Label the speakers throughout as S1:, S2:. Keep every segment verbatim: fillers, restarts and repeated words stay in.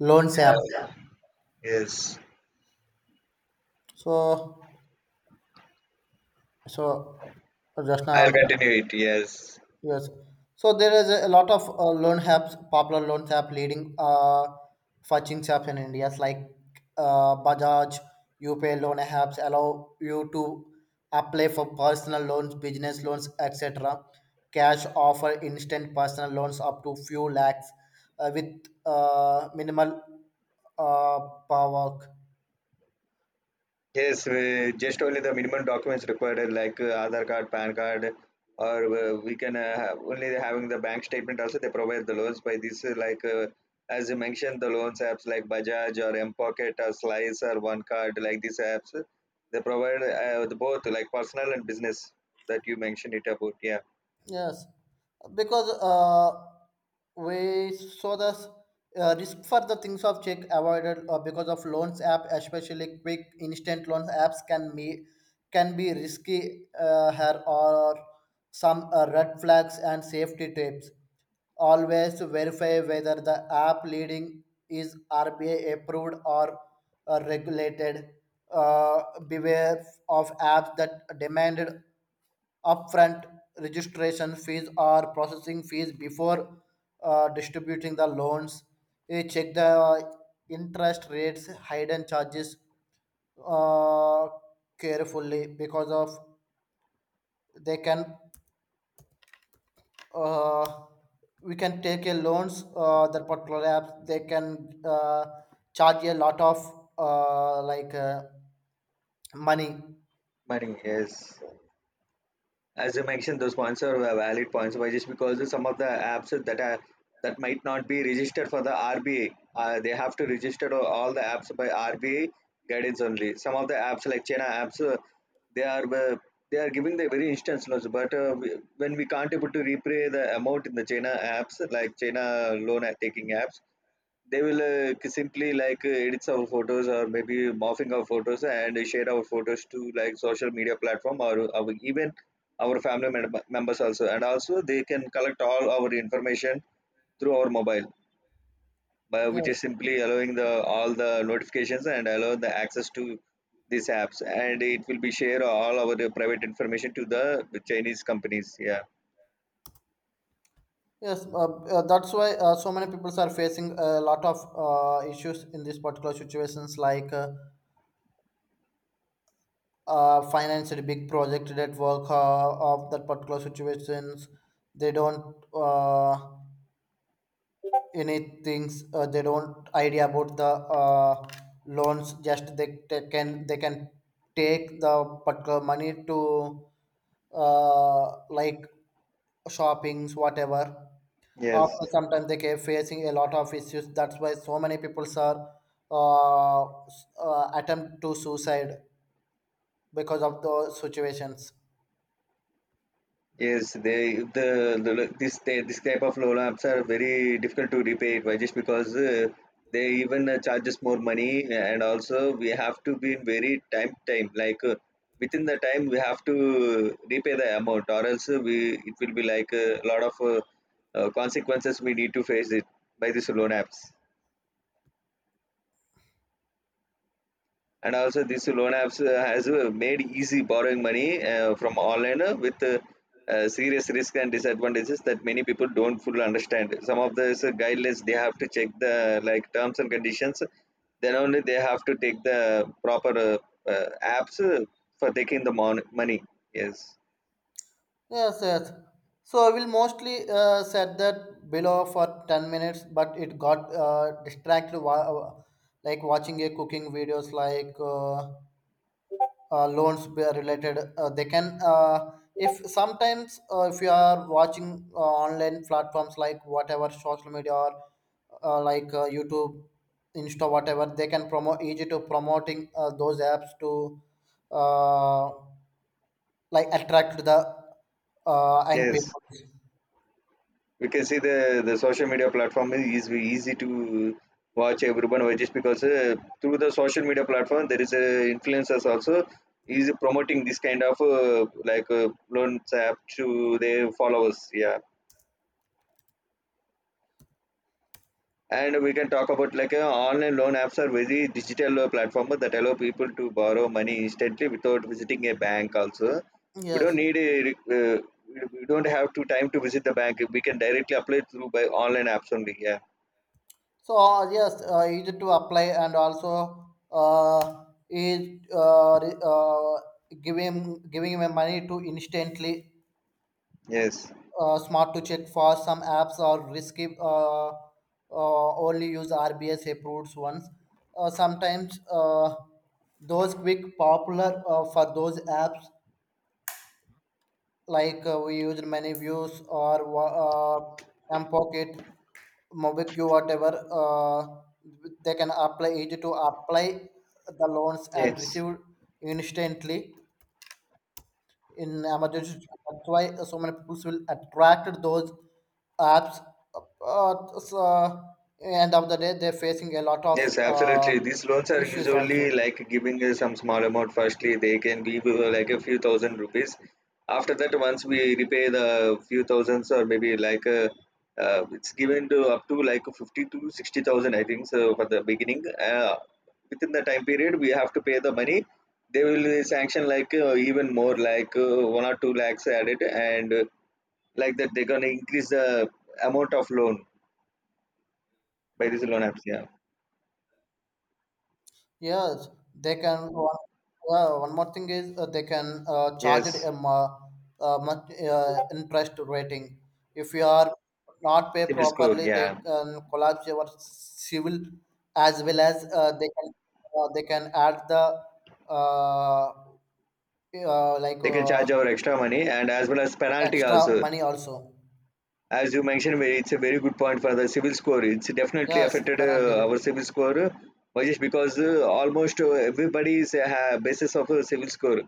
S1: Loans app.
S2: Yes,
S1: So so just
S2: I'll
S1: now,
S2: continue it. Yes,
S1: yes, so there is a lot of uh, loan apps, popular loans app leading, uh fetching apps in India like uh, Bajaj, UPay loan apps, allow you to apply for personal loans, business loans, etc. Cash offer instant personal loans up to few lakhs uh, with uh, minimal uh, power.
S2: yes, uh, just only the minimum documents required, uh, like uh, Aadhaar card, P A N card, or uh, we can uh, have only having the bank statement. Also, they provide the loans by this, uh, like uh, as you mentioned, the loans apps like Bajaj or M Pocket or Slice or One Card, like these apps, uh, they provide uh, the both like personal and business that you mentioned it about. Yeah,
S1: Yes, because uh, we saw the uh, risk for the things of check avoided uh, because of loans app, especially quick instant loans apps can be, can be risky. Uh, here or some uh, red flags and safety tips. Always verify whether the app leading is R B I approved or uh, regulated. Uh, Beware of apps that demanded upfront registration fees or processing fees before uh, distributing the loans. You check the interest rates, hidden charges uh, carefully because of they can, uh, we can take a loans uh, that particular app they can uh, charge a lot of uh, like uh, money.
S2: money. Yes. As you mentioned, those points are uh, valid points. Why? Just because some of the apps that are that might not be registered for the R B A, uh, they have to register all the apps by R B A guidance only. Some of the apps like China apps, uh, they are uh, they are giving the very instant loans, but uh, we- when we can't able to repay the amount in the China apps, like China loan taking apps, they will uh, k- simply like uh, edit our photos or maybe morphing our photos and share our photos to like social media platform or our even our family mem- members also. And also they can collect all our information through our mobile, by, which is
S1: Yes.
S2: simply allowing the all the notifications and allow the access to these apps. And it will be share all our private information to the Chinese companies. Yeah.
S1: Yes, uh, uh, that's why uh, so many people are facing a lot of uh, issues in these particular situations, like uh, uh, finance big project that work uh, of that particular situations. They don't uh, any things. Uh, they don't idea about the uh, loans. Just they, they can they can take the particular money to uh, like shoppings, whatever.
S2: Yes.
S1: After sometimes they keep facing a lot of issues, that's why so many people are uh, s- uh, attempt to suicide because of those situations.
S2: Yes, they the, the this they, this type of loan apps are very difficult to repay. Why? Just because uh, they even uh, charge us more money, and also we have to be in very time time like uh, within the time we have to repay the amount, or else uh, we it will be like uh, a lot of uh, uh, consequences we need to face it by this loan apps. And also this loan apps uh, has uh, made easy borrowing money uh, from online uh, with uh, uh, serious risk and disadvantages that many people don't fully understand. Some of the uh, guidelines they have to check, the like terms and conditions, then only they have to take the proper uh, uh, apps uh, for taking the mon- money. Yes.
S1: Yes yes So I will mostly uh, set that below for ten minutes but it got uh, distracted while like watching a cooking videos, like uh, uh, loans be- related. Uh, they can, uh, if sometimes uh, if you are watching uh, online platforms like whatever social media or uh, like uh, YouTube, Insta, whatever, they can promote, easy to promoting uh, those apps to uh, like attract the uh, young
S2: Yes,
S1: people.
S2: we can see the the social media platform is easy to watch, everyone watch. Just because uh, through the social media platform there is a influencers also is promoting this kind of uh, like uh, loans app to their followers. Yeah, and we can talk about like uh, online loan apps are very digital uh, platform that allow people to borrow money instantly without visiting a bank also. We
S1: Yes.
S2: don't need a re- uh, we we don't have to time to visit the bank. We can directly apply through by online apps only. Yeah.
S1: So uh, yes, uh, easy to apply and also uh, is uh, re- uh, giving, giving him money to instantly
S2: Yes.
S1: uh, smart to check, for some apps are risky. Uh, uh, only use RBS approved ones. Uh, sometimes, uh, those quick popular uh, for those apps, like uh, we used many views or wa- uh, M Pocket, MobiQ, whatever, uh, they can apply it to apply the loans and
S2: Yes,
S1: receive instantly in emergency. That's why so many people will attract those apps. Uh, so end of the day, they're facing a lot of
S2: yes,
S1: uh,
S2: absolutely. These loans are
S1: issues
S2: usually
S1: also.
S2: like giving us some small amount. Firstly, they can be uh, like a few thousand rupees. After that, once we repay the few thousands or maybe like a, uh, it's given to up to like fifty to sixty thousand, I think. So for the beginning, uh, within the time period, we have to pay the money. They will sanction like uh, even more, like uh, one or two lakhs added, and uh, like that they're gonna increase the amount of loan by this loan apps. Yeah.
S1: Yes, they can. One, uh, one more thing is uh, they can uh, charge it
S2: Yes.
S1: a mu- uh, much uh, interest rating. If you are not pay
S2: Civil score,
S1: properly,
S2: yeah.
S1: they can collapse your civil, as well as uh, they can, uh, they can add the uh, uh, like
S2: They can charge
S1: uh,
S2: our extra money and as well as penalty
S1: extra
S2: also.
S1: money also.
S2: As you mentioned, very- it's a very good point for the civil score. It's definitely
S1: Yes,
S2: affected uh,
S1: penalty.
S2: our civil score, uh, Rajesh, because uh, almost uh, everybody is uh, basis of a civil score.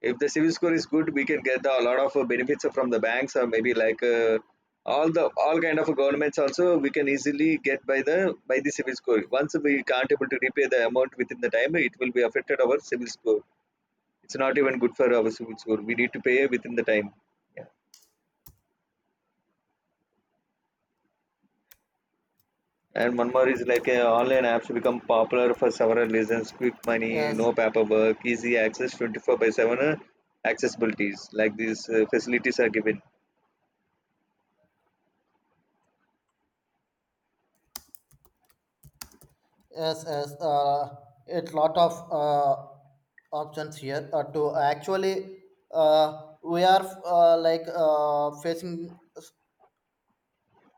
S2: If the civil score is good, we can get the a lot of uh, benefits from the banks, or maybe like uh, all the all kind of governments also we can easily get by the by the civil score. Once we can't able to repay the amount within the time, it will be affected our civil score. It's not even good for our civil score. We need to pay within the time. And one more is like uh, online apps become popular for several reasons: quick money,
S1: Yes,
S2: no paperwork, easy access, twenty-four by seven uh, accessibilities. Like these uh, facilities are given
S1: yes, yes. Uh, it lot of uh, options here uh, to actually uh, we are, uh, like uh, facing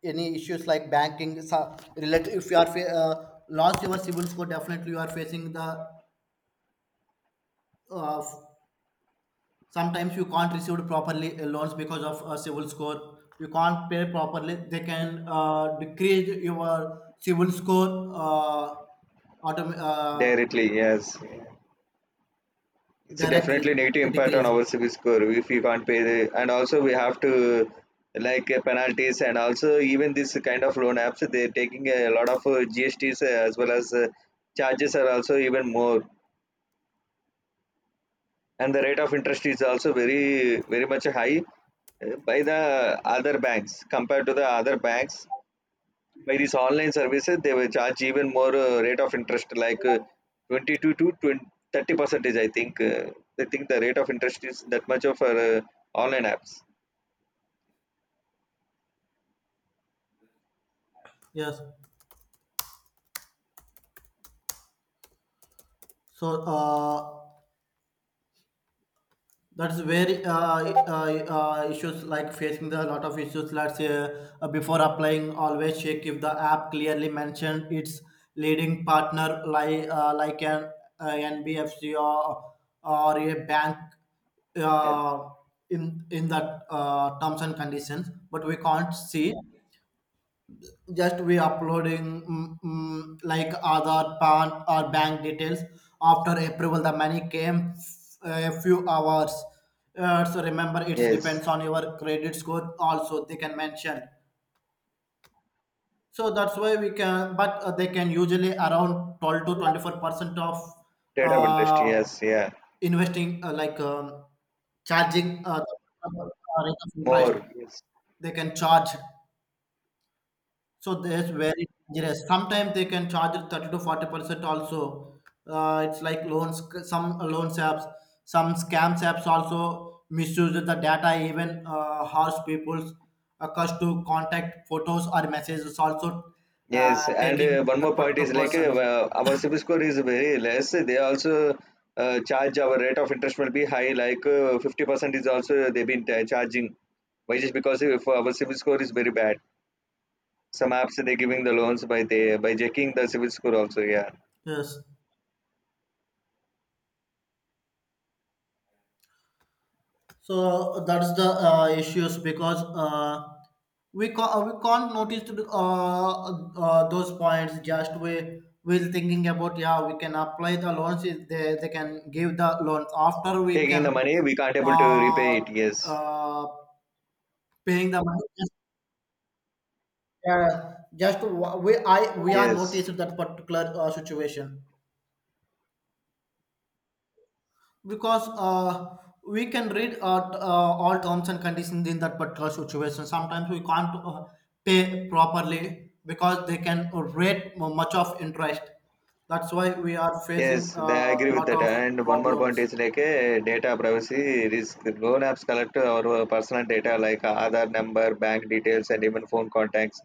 S1: any issues like banking so related. If you are fa- uh, lost your civil score, definitely you are facing the, uh, sometimes you can't receive properly uh, loans because of a civil score. You can't pay properly, they can uh, decrease your civil score, uh, autom- uh,
S2: directly. Yes, it's a
S1: directly
S2: definitely negative impact on
S1: decrease.
S2: our civil score if we can't pay. The, and also we have to like uh, penalties, and also even this kind of loan apps they're taking a lot of uh, gsts as well as uh, charges are also even more, and the rate of interest is also very very much high uh, by the other banks, compared to the other banks by these online services. They will charge even more uh, rate of interest, like uh, twenty-two to twenty, thirty percentage i think uh, I think the rate of interest is that much of uh, online apps.
S1: Yes. So uh, that's where uh, uh, uh, issues like facing the lot of issues. Let's say uh, before applying, always check if the app clearly mentioned its leading partner like uh, like an uh, N B F C or or a bank
S2: Yes.
S1: uh, in in the uh, terms and conditions, but we can't see, just we uploading mm, mm, like Aadhaar, PAN, or bank details. After approval, the money came uh, a few hours. Uh, so remember, it
S2: Yes,
S1: depends on your credit score also. They can mention. So that's why we can, but uh, they can usually around twelve to twenty four percent of
S2: rate of interest.
S1: uh,
S2: Yes. Yeah,
S1: investing, uh, like um, charging uh, the rate of interest.
S2: more. Yes.
S1: They can charge, so that's very dangerous. Sometimes they can charge thirty to forty percent also. Uh, it's like loans, some loans apps, some scams apps also misuse the data. Even uh, harsh people's accursed to contact photos or messages also
S2: Yes,
S1: uh,
S2: and uh,
S1: taking
S2: one more
S1: that
S2: point
S1: particular
S2: is like uh,
S1: persons.
S2: uh, our C I B I L score is very less. They also uh, charge our rate of interest will be high, like uh, fifty percent is also they've been uh, charging. Why? Just because if our C I B I L score is very bad. Some apps they're giving the loans by they by checking the C I B I L score also. Yeah,
S1: Yes. So that's the uh, issues, because uh, we ca- uh, we can't notice to the- uh, uh, those points. Just we will thinking about, yeah, we can apply the loans. If they, they can give the loans, after we
S2: taking
S1: can
S2: the money we can't able to
S1: uh,
S2: repay it. Yes.
S1: uh, paying the money. Just uh, just wa- we, I we are
S2: Yes.
S1: noticed that particular uh, situation, because uh, we can read uh, t- uh, all terms and conditions in that particular situation. Sometimes we can't uh, pay properly because they can rate mu- much of interest. That's why we are facing
S2: Yes,
S1: a
S2: I agree with
S1: lot
S2: that.
S1: of
S2: And one more point
S1: problems.
S2: is like a data privacy risk. Loan apps collect our personal data like Aadhaar number, bank details, and even phone contacts.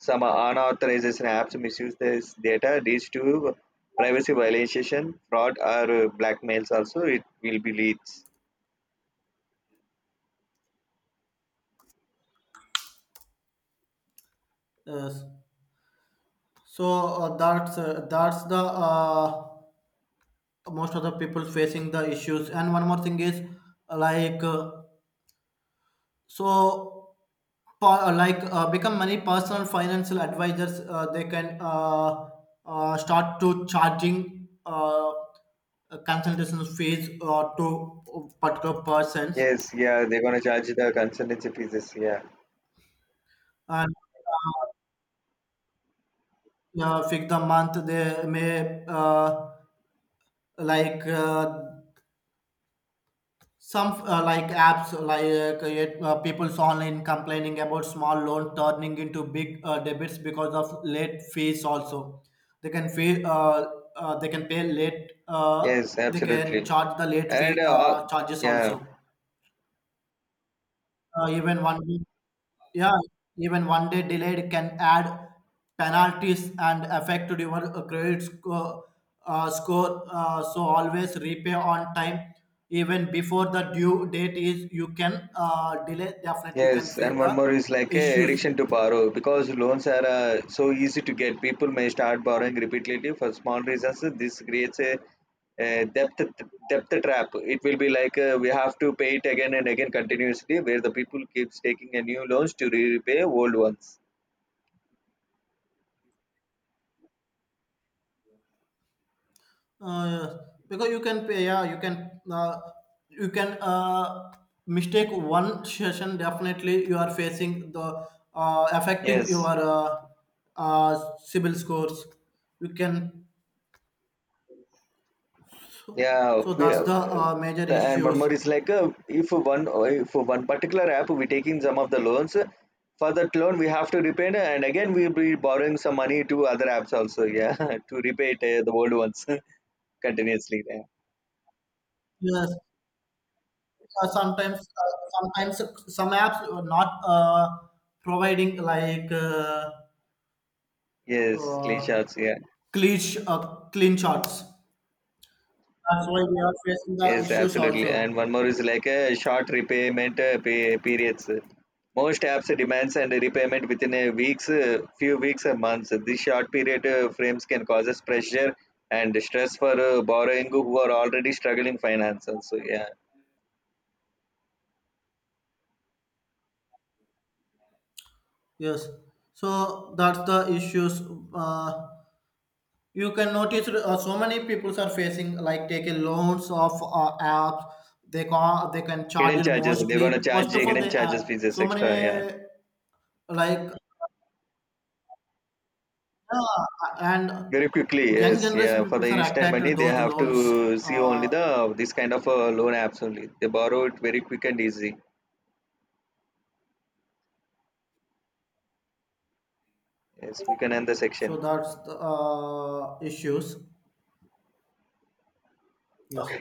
S2: Some unauthorized apps misuse this data, leads to privacy violation, fraud, or blackmails. Also, it will be leads.
S1: Yes. So uh, that's uh, that's the uh, most of the people facing the issues. And one more thing is like. Uh, so pa- uh, like uh, become many personal financial advisors uh, they can uh, uh, start to charging uh, uh, consultation fees uh, to particular persons.
S2: Yes, yeah, they're gonna charge the consultancy fees. Yeah,
S1: And uh, yeah, fix the month, they may uh, like uh, some uh, like apps, like uh, yet, uh, people's online complaining about small loan turning into big uh, debits because of late fees. Also, they can pay. Uh, uh, they can pay late. Uh,
S2: yes,
S1: they can
S2: absolutely.
S1: charge the late
S2: And
S1: fee
S2: uh,
S1: uh, charges
S2: yeah.
S1: also. Uh, even one week, yeah, even one day delayed can add penalties and affect your uh, credit score. Uh, score. Uh, so always repay on time, even before the due date is. You can uh, delay, definitely, you can
S2: Yes,
S1: face
S2: and
S1: the
S2: one more is like a
S1: issues.
S2: addiction to borrow, because loans are uh, so easy to get. People may start borrowing repeatedly for small reasons. This creates a a depth depth trap. It will be like uh, we have to pay it again and again continuously, where the people keeps taking a new loans to repay old ones.
S1: Uh, because you can pay, yeah, you can uh, you can uh, mistake one session, definitely you are facing the uh, affecting
S2: Yes.
S1: your uh, uh, civil scores. You can,
S2: Yeah,
S1: so
S2: we,
S1: that's
S2: uh,
S1: the uh, major
S2: the- and one
S1: issues.
S2: more is like uh, if one uh, if one particular app we taking some of the loans uh, for that loan we have to repay it, and again we'll be borrowing some money to other apps also. Yeah, to repay it, uh, the old ones continuously. Yeah.
S1: Yes. Uh, sometimes, uh, sometimes some apps are not uh, providing like uh,
S2: Yes, clean
S1: uh,
S2: shots. Yeah.
S1: clean sh- uh, clean shots, that's why we are facing the
S2: Yes,
S1: issues
S2: absolutely. And
S1: also.
S2: one more is like a short repayment uh, pe- periods. Most apps demands and repayment within a weeks, uh, few weeks or months. These short period uh, frames can cause us pressure and stress for uh, borrowing who are already struggling finance. Also, yeah,
S1: Yes, so that's the issues. Uh, you can notice uh, so many people are facing like taking loans of uh, apps. They can, they can charge
S2: hidden
S1: it
S2: charges. They're gonna
S1: mostly. First
S2: charge you
S1: of all,
S2: hidden
S1: they uh,
S2: charges fees
S1: so
S2: extra. Yeah,
S1: many like uh, and
S2: very quickly.
S1: young
S2: Yes,
S1: generation
S2: yeah. For
S1: people
S2: the
S1: are
S2: instant
S1: attracted to
S2: money, they
S1: those
S2: have
S1: loans.
S2: to see only
S1: Uh,
S2: the this kind of uh, loan apps only. They borrow it very quick and easy. Yes, we can end the section.
S1: so that's the uh, issues. Yes,